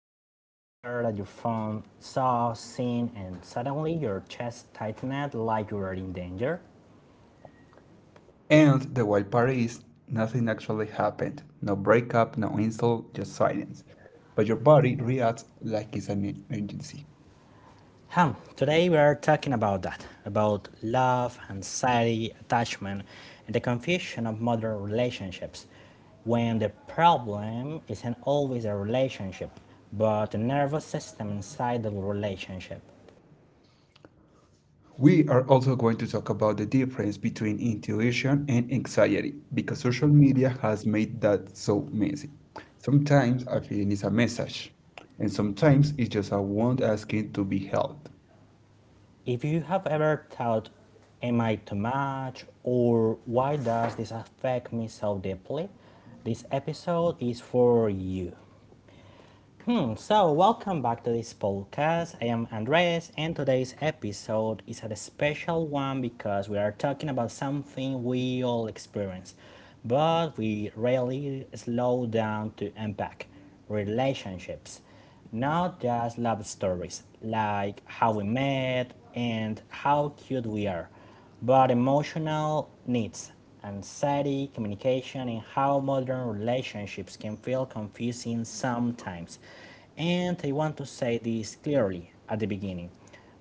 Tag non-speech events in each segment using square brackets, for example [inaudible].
Have you ever stared at your phone, seen, and suddenly your chest tightened like you were in danger? And the wild part is nothing actually happened. No breakup, no insult, just silence. But your body reacts like it's an emergency. Hmm, Today we are talking about that, about love, anxiety, attachment, and the confusion of modern relationships when the problem isn't always a relationship, but the nervous system inside the relationship. We are also going to talk about the difference between intuition and anxiety because social media has made that so messy. Sometimes a feeling is a message, and sometimes it's just a wound asking to be helped. If you have ever thought, am I too much, or why does this affect me so deeply, this episode is for you. So, welcome back to this podcast. I am Andres, and today's episode is a special one because we are talking about something we all experience, but we rarely slow down to unpack relationships. Not just love stories like how we met and how cute we are, but emotional needs, anxiety, communication, and how modern relationships can feel confusing sometimes. And I want to say this clearly at the beginning.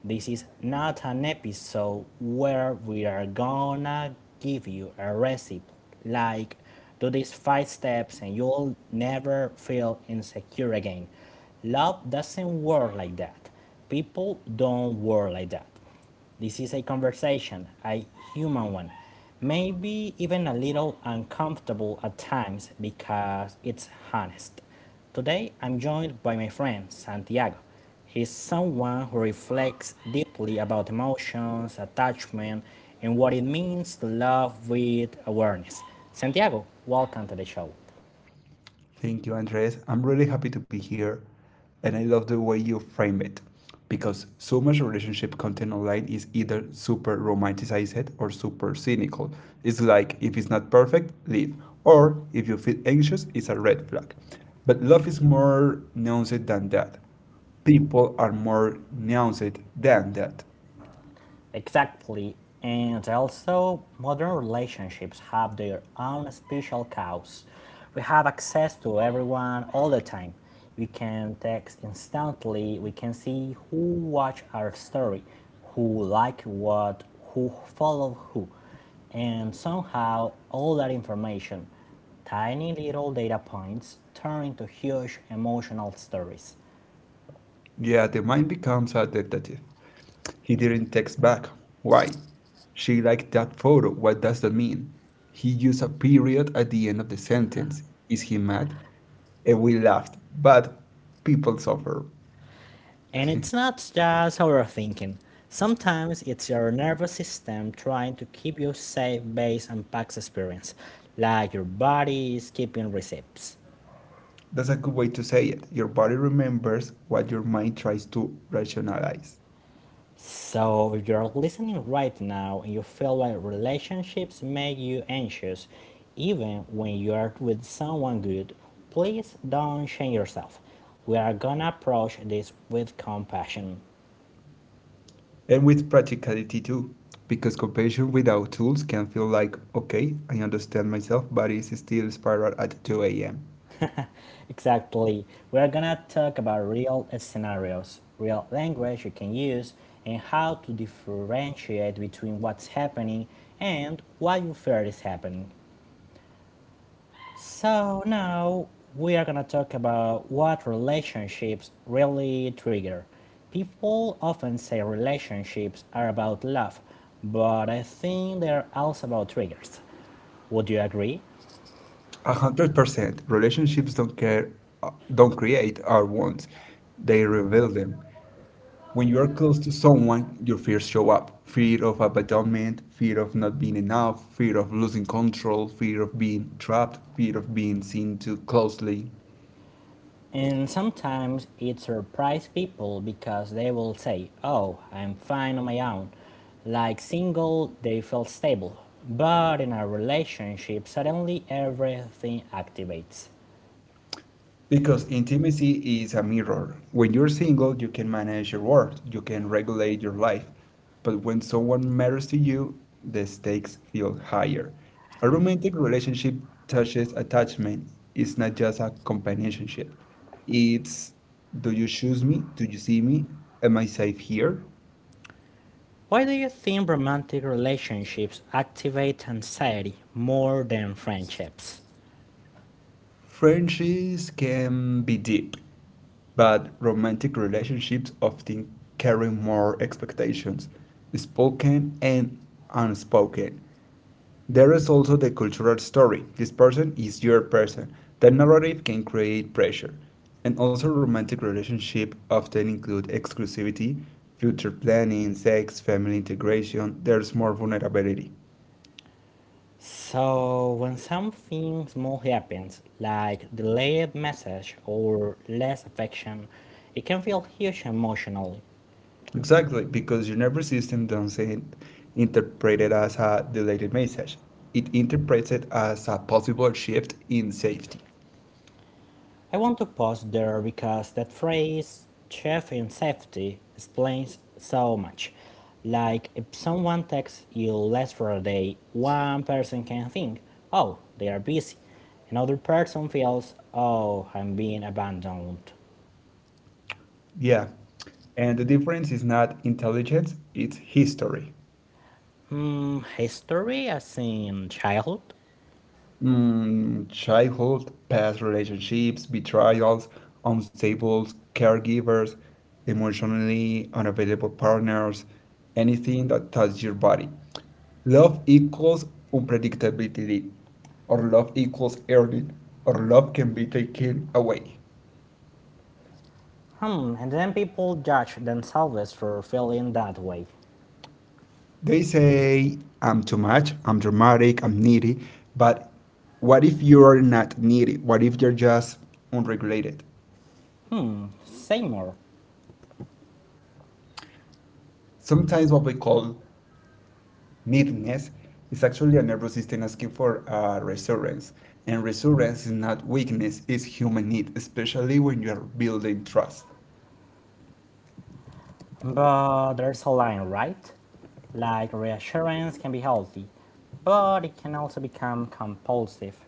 This is not an episode where we are gonna give you a recipe like do these five steps and you'll never feel insecure again. Love doesn't work like that. People don't work like that. This is a conversation, a human one, maybe even a little uncomfortable at times because it's honest. Today, I'm joined by my friend Santiago. He's someone who reflects deeply about emotions, attachment, and what it means to love with awareness. Santiago, welcome to the show. Thank you, Andres. I'm really happy to be here, and I love the way you frame it because so much relationship content online is either super romanticized or super cynical. It's like if it's not perfect, leave, or if you feel anxious, it's a red flag. But love is more nuanced than that. People are more nuanced than that. Exactly. And also, modern relationships have their own special cows. We have access to everyone all the time. We can text instantly. We can see who watched our story, who liked what, who followed who. And somehow, all that information, tiny little data points, turn into huge emotional stories. Yeah, the mind becomes a detective. He didn't text back. Why? She liked that photo. What does that mean? He used a period at the end of the sentence. Is he mad? And we laughed. But people suffer. And it's not just overthinking. Sometimes it's your nervous system trying to keep you safe based on past experience, like your body is keeping receipts. That's a good way to say it. Your body remembers what your mind tries to rationalize. So if you're listening right now and you feel like relationships make you anxious, even when you are with someone good, please don't shame yourself. We are gonna approach this with compassion. And with practicality too. Because compassion without tools can feel like, okay, I understand myself, but it's still spiral at 2 a.m. Exactly. We're gonna talk about real scenarios, real language you can use, and how to differentiate between what's happening and what you fear is happening. So now we are gonna talk about what relationships really trigger. People often say relationships are about love, but I think they're also about triggers. Would you agree? 100%. Relationships don't care, don't create our wants. They reveal them. When you are close to someone, your fears show up. Fear of abandonment, fear of not being enough, fear of losing control, fear of being trapped, fear of being seen too closely. And sometimes it surprises people because they will say, oh, I'm fine on my own. Like single, they feel stable. But in a relationship, suddenly everything activates. Because intimacy is a mirror. When you're single, you can manage your world, you can regulate your life. But when someone matters to you, the stakes feel higher. A romantic relationship touches attachment. It's not just a companionship. It's do you choose me? Do you see me? Am I safe here? Why do you think romantic relationships activate anxiety more than friendships? Friendships can be deep, but romantic relationships often carry more expectations, spoken and unspoken. There is also the cultural story this person is your person. That narrative can create pressure. And also, romantic relationships often include exclusivity, future planning, sex, family integration. There's more vulnerability. So, when something small happens, like delayed message or less affection, it can feel huge emotionally. Exactly, because your nervous system doesn't interpret it as a deleted message. It interprets it as a possible shift in safety. I want to pause there because that phrase, chef in safety, explains so much. Like, if someone texts you less for a day, one person can think, oh, they are busy. Another person feels, oh, I'm being abandoned. Yeah. And the difference is not intelligence, it's history. History as in childhood? Mm, childhood, past relationships, betrayals, unstable caregivers, emotionally unavailable partners, anything that touches your body. Love equals unpredictability, or love equals earning, or love can be taken away. And then people judge themselves for feeling that way. They say, I'm too much, I'm dramatic, I'm needy, but what if you're not needy? What if you're just unregulated? Say more. Sometimes what we call meekness is actually a nervous system asking for reassurance. And reassurance is not weakness, it's human need, especially when you are building trust. But there's a line, right? Like reassurance can be healthy, but it can also become compulsive.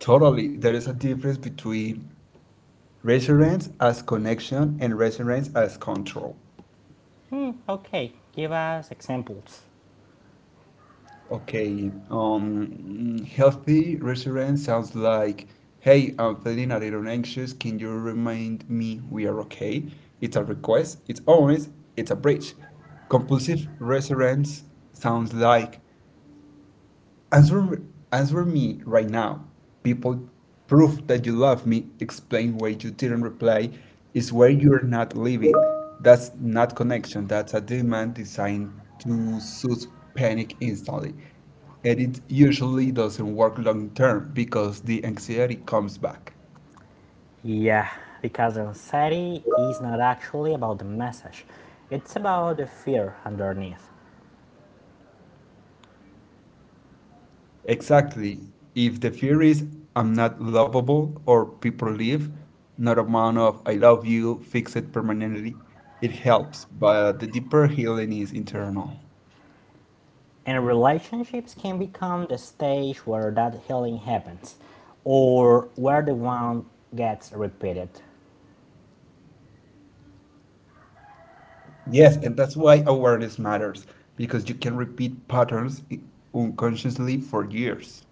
Totally, there is a difference between reassurance as connection and reassurance as control. Okay, give us examples. Okay, healthy reassurance sounds like, hey, I'm feeling a little anxious. Can you remind me we are okay? It's a request, it's honest, it's a bridge. Compulsive reassurance sounds like, answer, answer me right now. People proof that you love me. Explain why you didn't reply. Is where you're not living. That's not connection. That's a demand designed to soothe panic instantly. And it usually doesn't work long term because the anxiety comes back. Yeah, because anxiety is not actually about the message, it's about the fear underneath. Exactly. If the fear is I'm not lovable or people leave, not amount of I love you fix it permanently. It helps, but the deeper healing is internal. And relationships can become the stage where that healing happens, or where the wound gets repeated. Yes, and that's why awareness matters because you can repeat patterns unconsciously for years.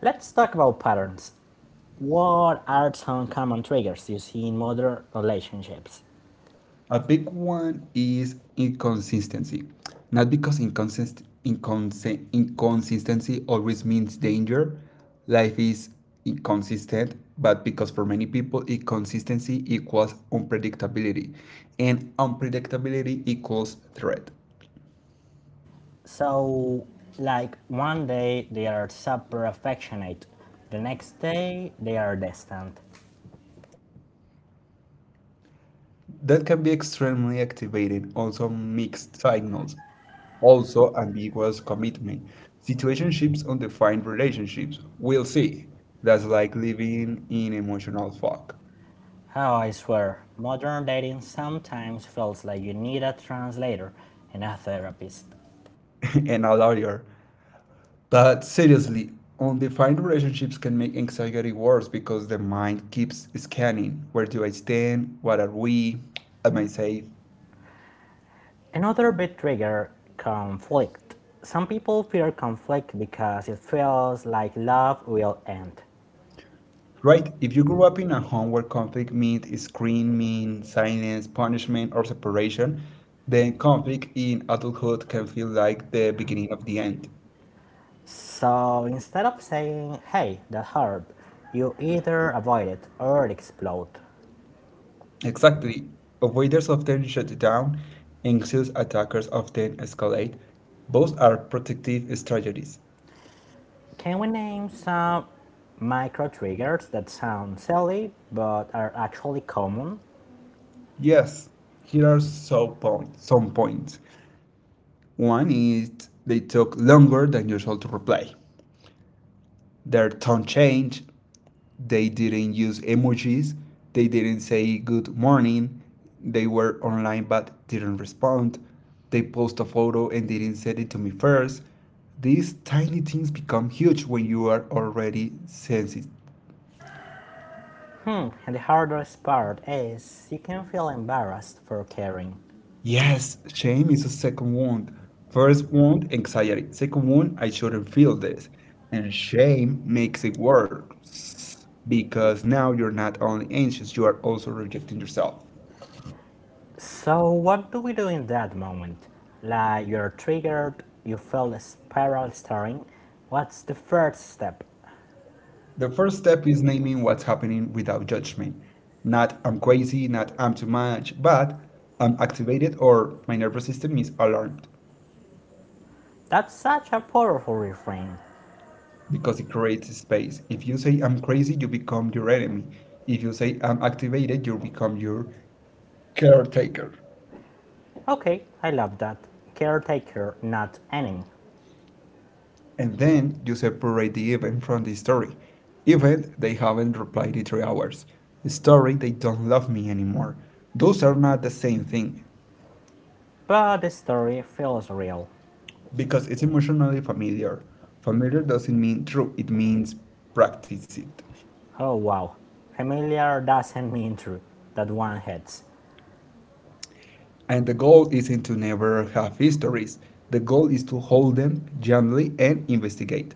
Let's talk about patterns. What are some common triggers you see in modern relationships? A big one is inconsistency. Not because inconsistency always means danger, life is inconsistent, but because for many people, inconsistency equals unpredictability, and unpredictability equals threat. So, like one day they are super affectionate, the next day they are distant. That can be extremely activated, also mixed signals, also ambiguous commitment. Situationships, undefined relationships. We'll see. That's like living in emotional fog. Oh, I swear, modern dating sometimes feels like you need a translator and a therapist. [laughs] And a lawyer. But seriously, undefined relationships can make anxiety worse because the mind keeps scanning. Where do I stand? What are we? Am I safe? Another big trigger: conflict. Some people fear conflict because it feels like love will end. Right. If you grew up in a home where conflict meant screaming, silence, punishment, or separation, then conflict in adulthood can feel like the beginning of the end. So instead of saying, hey, that herb, you either avoid it or it explode. Exactly. Avoiders often shut down, anxious attackers often escalate. Both are protective strategies. Can we name some micro triggers that sound silly but are actually common? Yes, here are some points. One is they took longer than usual to reply. Their tone changed. They didn't use emojis. They didn't say good morning. They were online but didn't respond. They post a photo and didn't send it to me first. These tiny things become huge when you are already sensitive. And the hardest part is you can feel embarrassed for caring. Yes, shame is a second wound. First wound, anxiety. Second wound, I shouldn't feel this. And shame makes it worse because now you're not only anxious, you are also rejecting yourself. So what do we do in that moment? Like you're triggered, you feel the spiral stirring. What's the first step? The first step is naming what's happening without judgment. Not I'm crazy, not I'm too much, but I'm activated or my nervous system is alarmed That's such a powerful refrain. because it creates space. If you say I'm crazy, you become your enemy. If you say I'm activated, you become your caretaker. Okay, I love that. Caretaker, not enemy. And then you separate the event from the story. Event, they haven't replied in 3 hours. The story, they don't love me anymore. Those are not the same thing. But the story feels real. Because it's emotionally familiar. Familiar doesn't mean true, it means practice it. Oh wow, familiar doesn't mean true, that one hits. And the goal isn't to never have histories, the goal is to hold them gently and investigate.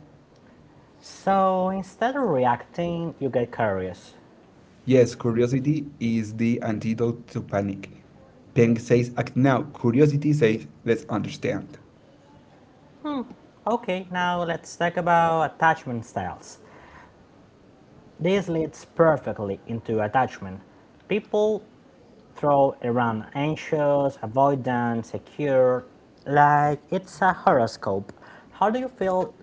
So instead of reacting, you get curious. Yes, curiosity is the antidote to panic. Peng says, act now. Curiosity says, let's understand. Okay, now let's talk about attachment styles. This leads perfectly into attachment. People throw around anxious, avoidant, secure, like it's a horoscope. How do you feel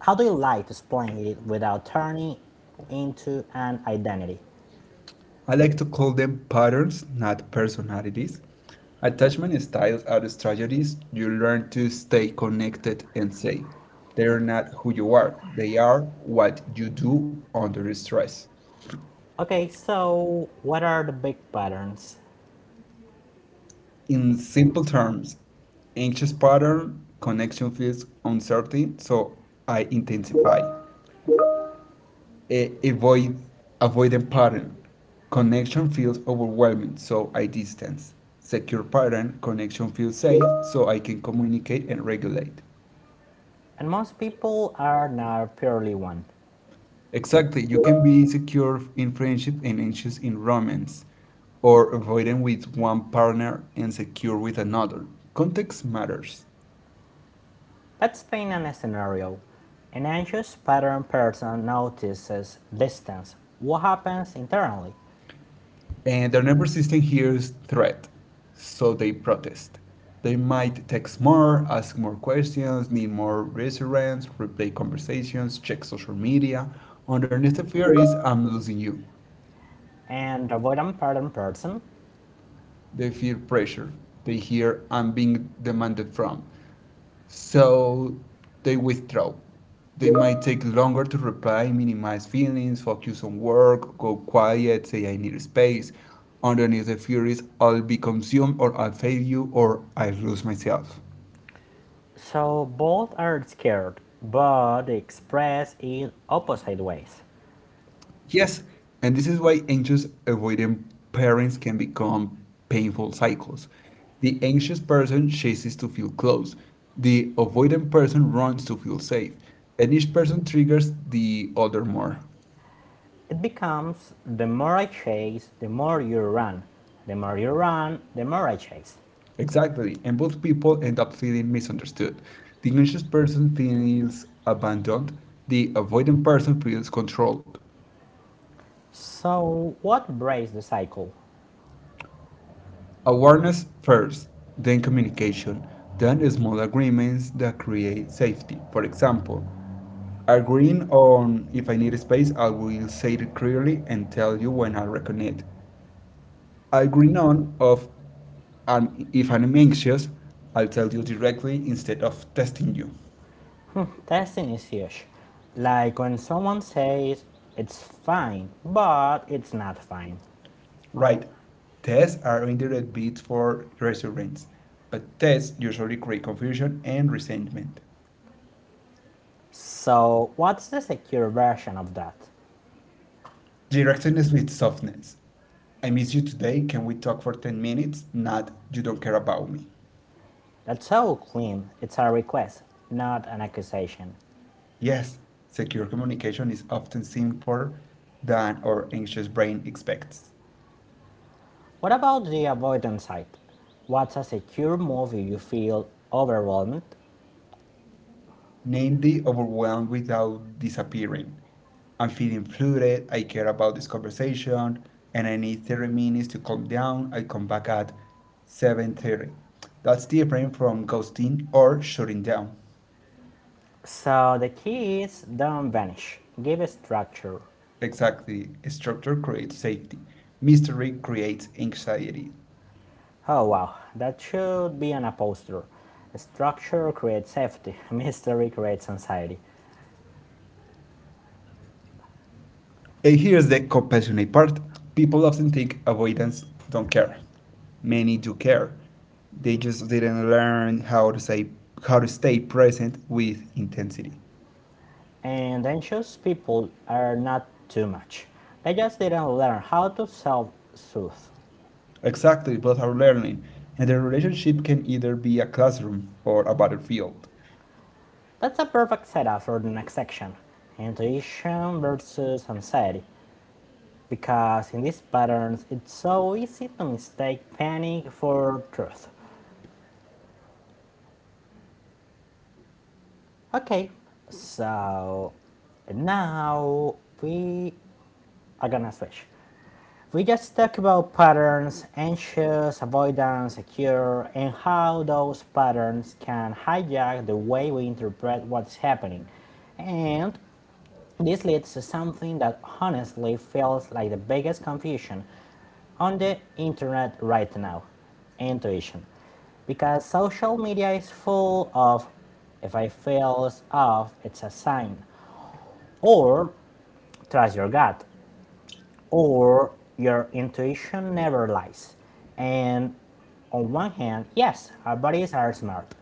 How do you like to explain it without turning into an identity? I like to call them patterns, not personalities. Attachment styles are strategies you learn to stay connected and safe. They are not who you are, they are what you do under stress. Okay, so what are the big patterns? In simple terms, anxious pattern, connection feels uncertain, so I intensify. uh, avoid Avoidant pattern. Connection feels overwhelming, so I distance. Secure pattern, connection feels safe, so I can communicate and regulate. And most people are not purely one. Exactly, you can be secure in friendship and anxious in romance, or avoidant with one partner and secure with another. Context matters. Let's paint an scenario. An anxious pattern person notices distance, what happens internally, And their nervous system hears threat, so they protest. They might text more, ask more questions, need more reassurance, replay conversations, check social media. Underneath the fear is I'm losing you. and avoidant pattern person. They feel pressure. They hear I'm being demanded from. So they withdraw. They might take longer to reply, minimize feelings, focus on work, go quiet, say I need space. Underneath the furies, I'll be consumed or I'll fail you or I lose myself. So both are scared, but express it opposite ways. Yes, and this is why anxious avoidant parents can become painful cycles. The anxious person chases to feel close. The avoidant person runs to feel safe. And each person triggers the other more. It becomes the more I chase, the more you run. The more you run, the more I chase. Exactly, and both people end up feeling misunderstood. The anxious person feels abandoned, the avoidant person feels controlled. So, what breaks the cycle? Awareness first, then communication, then small agreements that create safety. For example, agreeing on if I need space, I will say it clearly and tell you when I reckon it. Agreeing on of if I'm anxious, I'll tell you directly instead of testing you. Testing is huge. Like when someone says it's fine, but it's not fine. Right, tests are indirect bids for reassurance, but tests usually create confusion and resentment. So, what's the secure version of that? Directness with softness. I miss you today. Can we talk for 10 minutes? Not, you don't care about me. That's so clean. It's a request, not an accusation. Yes, secure communication is often simpler than our anxious brain expects. What about the avoidance side? What's a secure move if you feel overwhelmed? Namely overwhelmed without disappearing. I'm feeling flooded, I care about this conversation, and I need 30 minutes to calm down. I come back at 7:30. That's different from ghosting or shutting down. So the keys don't vanish. Give a structure. Exactly, structure creates safety. Mystery creates anxiety. Oh wow, that should be an upholster. Structure creates safety, [laughs] mystery creates anxiety. And here's the compassionate part. People often think avoidance don't care. Many do care. They just didn't learn how to say how to stay present with intensity. And anxious people are not too much. They just didn't learn how to self soothe. Exactly, both are learning, and their relationship can either be a classroom or a battlefield. That's a perfect setup for the next section: intuition versus anxiety. Because in these patterns, it's so easy to mistake panic for truth. Okay, so now we are gonna switch. We just talked about patterns, anxious, avoidance, secure, and how those patterns can hijack the way we interpret what's happening. And this leads to something that honestly feels like the biggest confusion on the internet right now: intuition. Because social media is full of if I feel off, it's a sign, or trust your gut, or your intuition never lies. And on one hand, yes, our bodies are smart,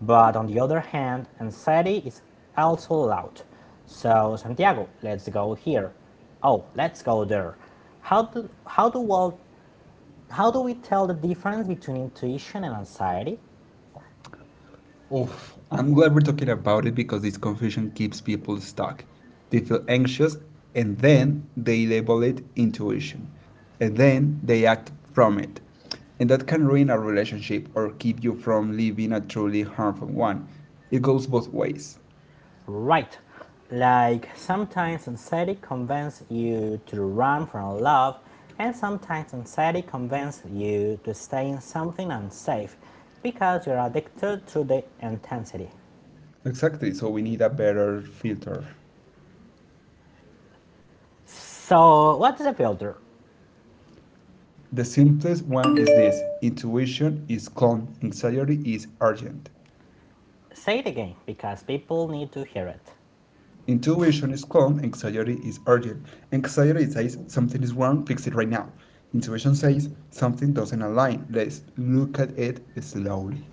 but on the other hand, anxiety is also loud. So, Santiago, let's go there. How do how do we how do we tell the difference between intuition and anxiety? Oof, I'm glad we're talking about it because this confusion keeps people stuck. They feel anxious and then they label it intuition. And then they act from it. And that can ruin a relationship or keep you from living a truly harmful one. It goes both ways. Right. Like sometimes anxiety convinces you to run from love, and sometimes anxiety convinces you to stay in something unsafe because you're addicted to the intensity. Exactly, so we need a better filter. So, what is a filter? The simplest one is this intuition is calm, anxiety is urgent. Say it again because people need to hear it. Intuition is calm, anxiety is urgent. Anxiety says something is wrong, fix it right now. Intuition says something doesn't align, let's look at it slowly.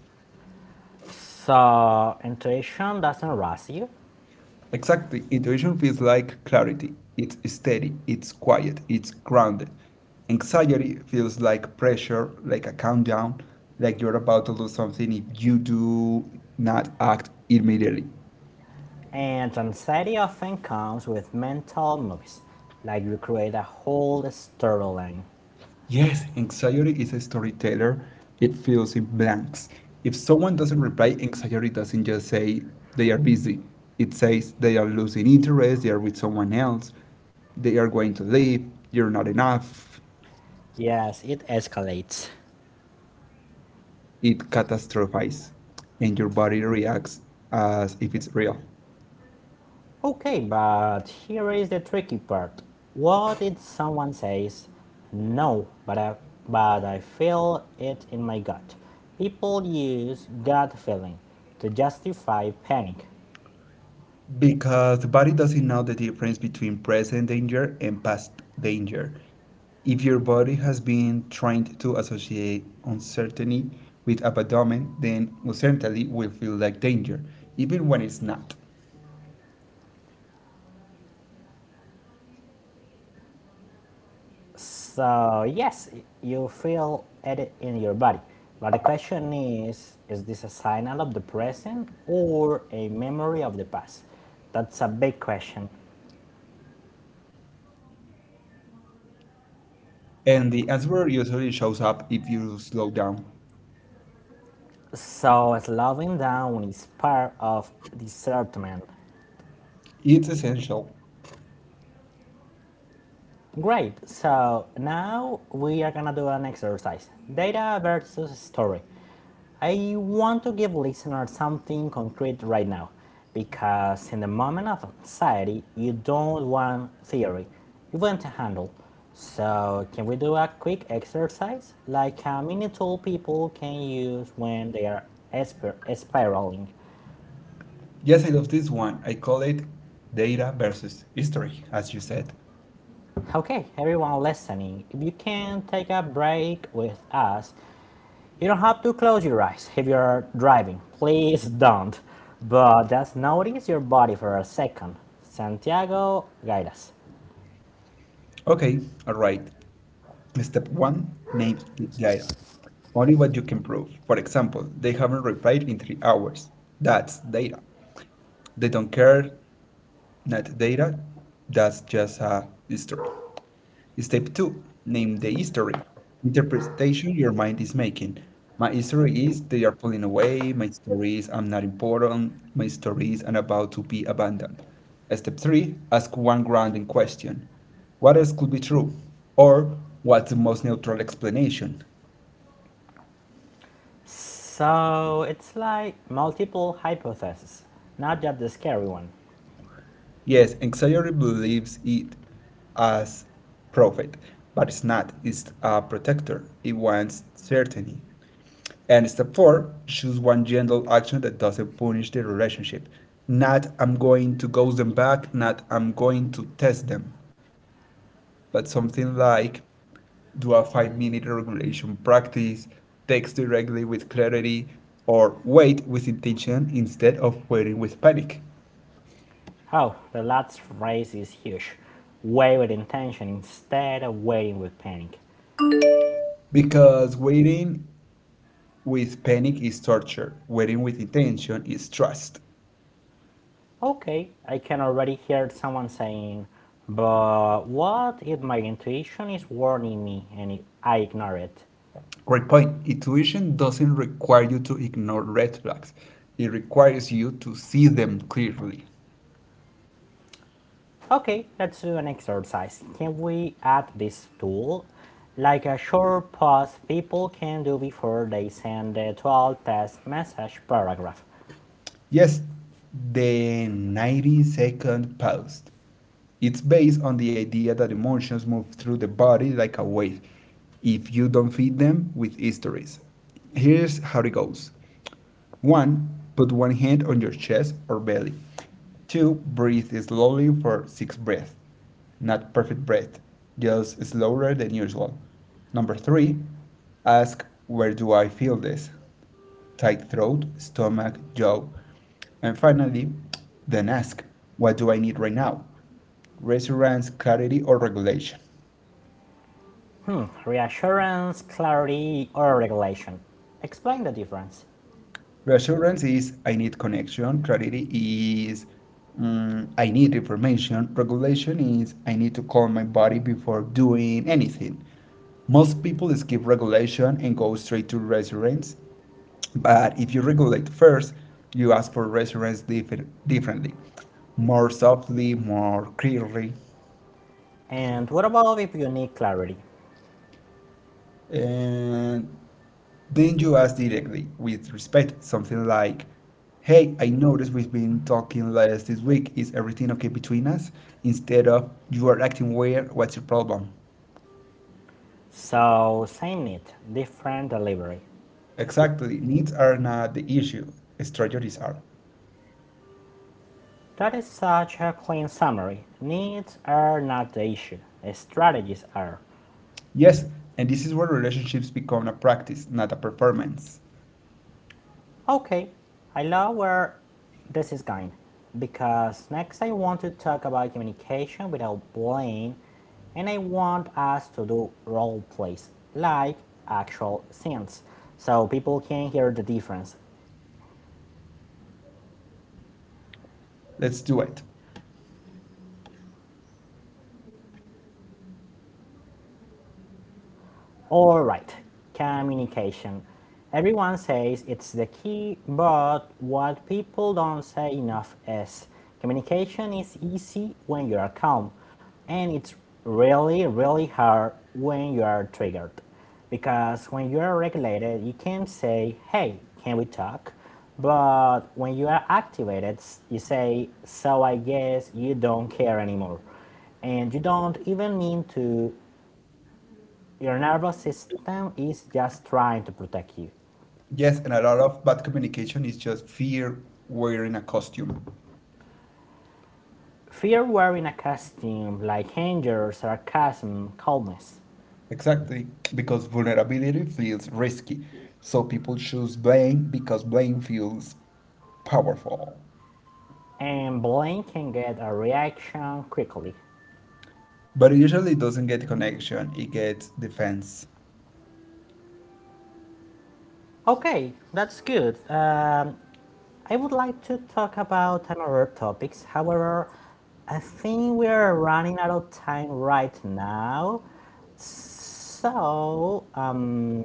So, intuition doesn't rush you, Exactly, intuition feels like clarity. It's steady, it's quiet, it's grounded. Anxiety feels like pressure, like a countdown, like you're about to lose something if you do not act immediately. and anxiety often comes with mental movies, like you create a whole storyline. Yes, anxiety is a storyteller. It fills in blanks. If someone doesn't reply, anxiety doesn't just say they are busy. It says they are losing interest, they are with someone else, they are going to leave, you're not enough. Yes, it escalates. It catastrophizes, and your body reacts as if it's real. Okay, but here is the tricky part. What if someone says, no, but I feel it in my gut? People use gut feeling to justify panic. Because the body doesn't know the difference between present danger and past danger. If your body has been trained to associate uncertainty with abandonment, then uncertainty will feel like danger, even when it's not. So, yes, you feel it in your body. But the question is this a signal of the present or a memory of the past? That's a big question. And the answer usually shows up if you slow down. So, slowing down is part of discernment. It's essential. Great, so now we are gonna do an exercise: data versus story. I want to give listeners something concrete right now because in the moment of anxiety, you don't want theory, you want to handle. So, can we do a quick exercise like a mini tool people can use when they are spiraling? Yes, I love this one. I call it data versus history, as you said. Okay, everyone listening, if you can take a break with us, you don't have to close your eyes if you are driving. Please don't. But just notice your body for a second. Santiago, guide us. Okay, all right. Step 1. Names the data. Only what you can prove. For example, they haven't replied in 3 hours. That's data. They don't care. Not data. That's just a history. Step 2. Name the history. Interpretation your mind is making. My history is they are pulling away. My story is I'm not important. My story is I'm about to be abandoned. Step 3. Ask one grounding question. What else could be true? Or what's the most neutral explanation? So it's like multiple hypotheses, not just the scary one. Yes, anxiety believes it as profit, but it's not. It's a protector. It wants certainty. And step four, choose one gentle action that doesn't punish the relationship. Not I'm going to ghost them back, not I'm going to test them, but something like do a 5 minute regulation practice, text directly with clarity, or wait with intention instead of waiting with panic. Oh, the last race is huge. Wait with intention instead of waiting with panic. Because waiting with panic is torture. Waiting with intention is trust. Okay, I can already hear someone saying, but what if my intuition is warning me and I ignore it? Great point. Intuition doesn't require you to ignore red flags. It requires you to see them clearly. Okay, let's do an exercise. Can we add this tool? Like a short pause people can do before they send the 12 test message paragraph. Yes, the 90-second pause. It's based on the idea that emotions move through the body like a wave if you don't feed them with histories. Here's how it goes. 1. Put one hand on your chest or belly. 2. Breathe slowly for 6 breaths. Not perfect breath, just slower than usual. Number 3. Ask, where do I feel this? Tight throat, stomach, jaw. And finally, then ask, what do I need right now? Resonance, clarity, or regulation. Reassurance, clarity, or regulation. Explain the difference. Reassurance is I need connection. Clarity is I need information. Regulation is I need to calm my body before doing anything. Most people skip regulation and go straight to reassurance. But if you regulate first, you ask for reassurance differently, more softly, more clearly. And what about if you need clarity? And then you ask directly, with respect, something like, hey, I noticed we've been talking less this week. Is everything okay between us? Instead of, you are acting weird. What's your problem? So, same need, different delivery. Exactly. Needs are not the issue, strategies are. That is such a clean summary. Needs are not the issue, strategies are. Yes, and this is where relationships become a practice, not a performance. Okay, I love where this is going because next I want to talk about communication without blame, and I want us to do role plays like actual scenes so people can hear the difference. Let's do it. All right, communication. Everyone says it's the key, but what people don't say enough is communication is easy when you are calm, and it's really, really hard when you are triggered. Because when you are regulated, you can say, hey, can we talk? But when you are activated, you say, so I guess you don't care anymore, and you don't even mean to. Your nervous system is just trying to protect you. Yes, and a lot of bad communication is just fear wearing a costume. Fear wearing a costume like anger, sarcasm, coldness, Exactly, because vulnerability feels risky. So people choose blame because blame feels powerful. and blame can get a reaction quickly. But it usually doesn't get connection, it gets defense. Okay, that's good. I would like to talk about another topics. However, I think we are running out of time right now. So,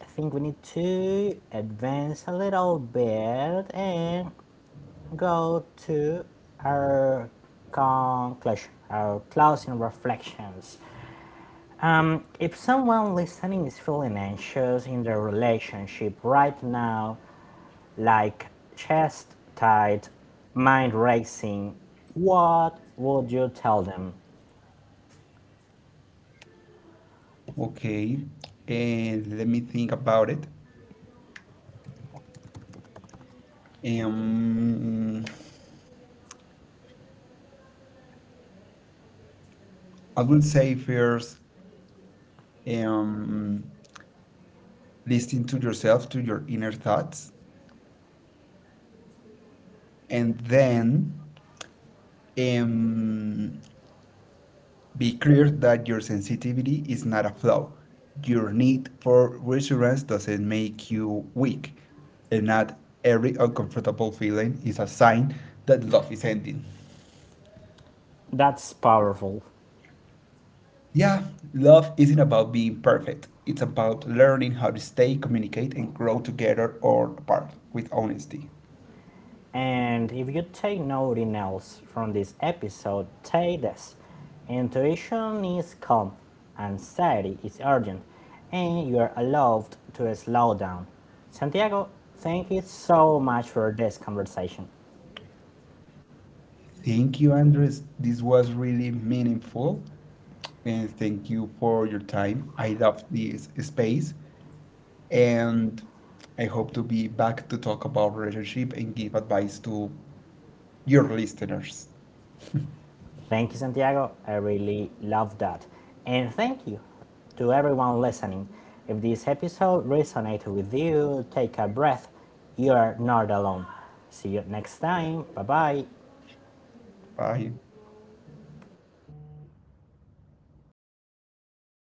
I think we need to advance a little bit and go to our conclusion, our closing reflections. If someone listening is feeling anxious in their relationship right now, like chest tight, mind racing, what would you tell them? Okay, and let me think about it. Um, I would say first, um, listen to yourself, to your inner thoughts, and then um, be clear that your sensitivity is not a flaw. Your need for reassurance doesn't make you weak, and not every uncomfortable feeling is a sign that love is ending. That's powerful. Yeah, love isn't about being perfect. It's about learning how to stay, communicate, and grow together or apart with honesty. And if you take nothing else from this episode, take this. Intuition is calm, anxiety is urgent, and you are allowed to slow down. Santiago, thank you so much for this conversation. Thank you, Andres. This was really meaningful. And thank you for your time. I love this space. And I hope to be back to talk about relationship and give advice to your listeners. Thank you, Santiago. I really love that. And thank you to everyone listening. If this episode resonated with you, take a breath. You are not alone. See you next time. Bye bye. Bye.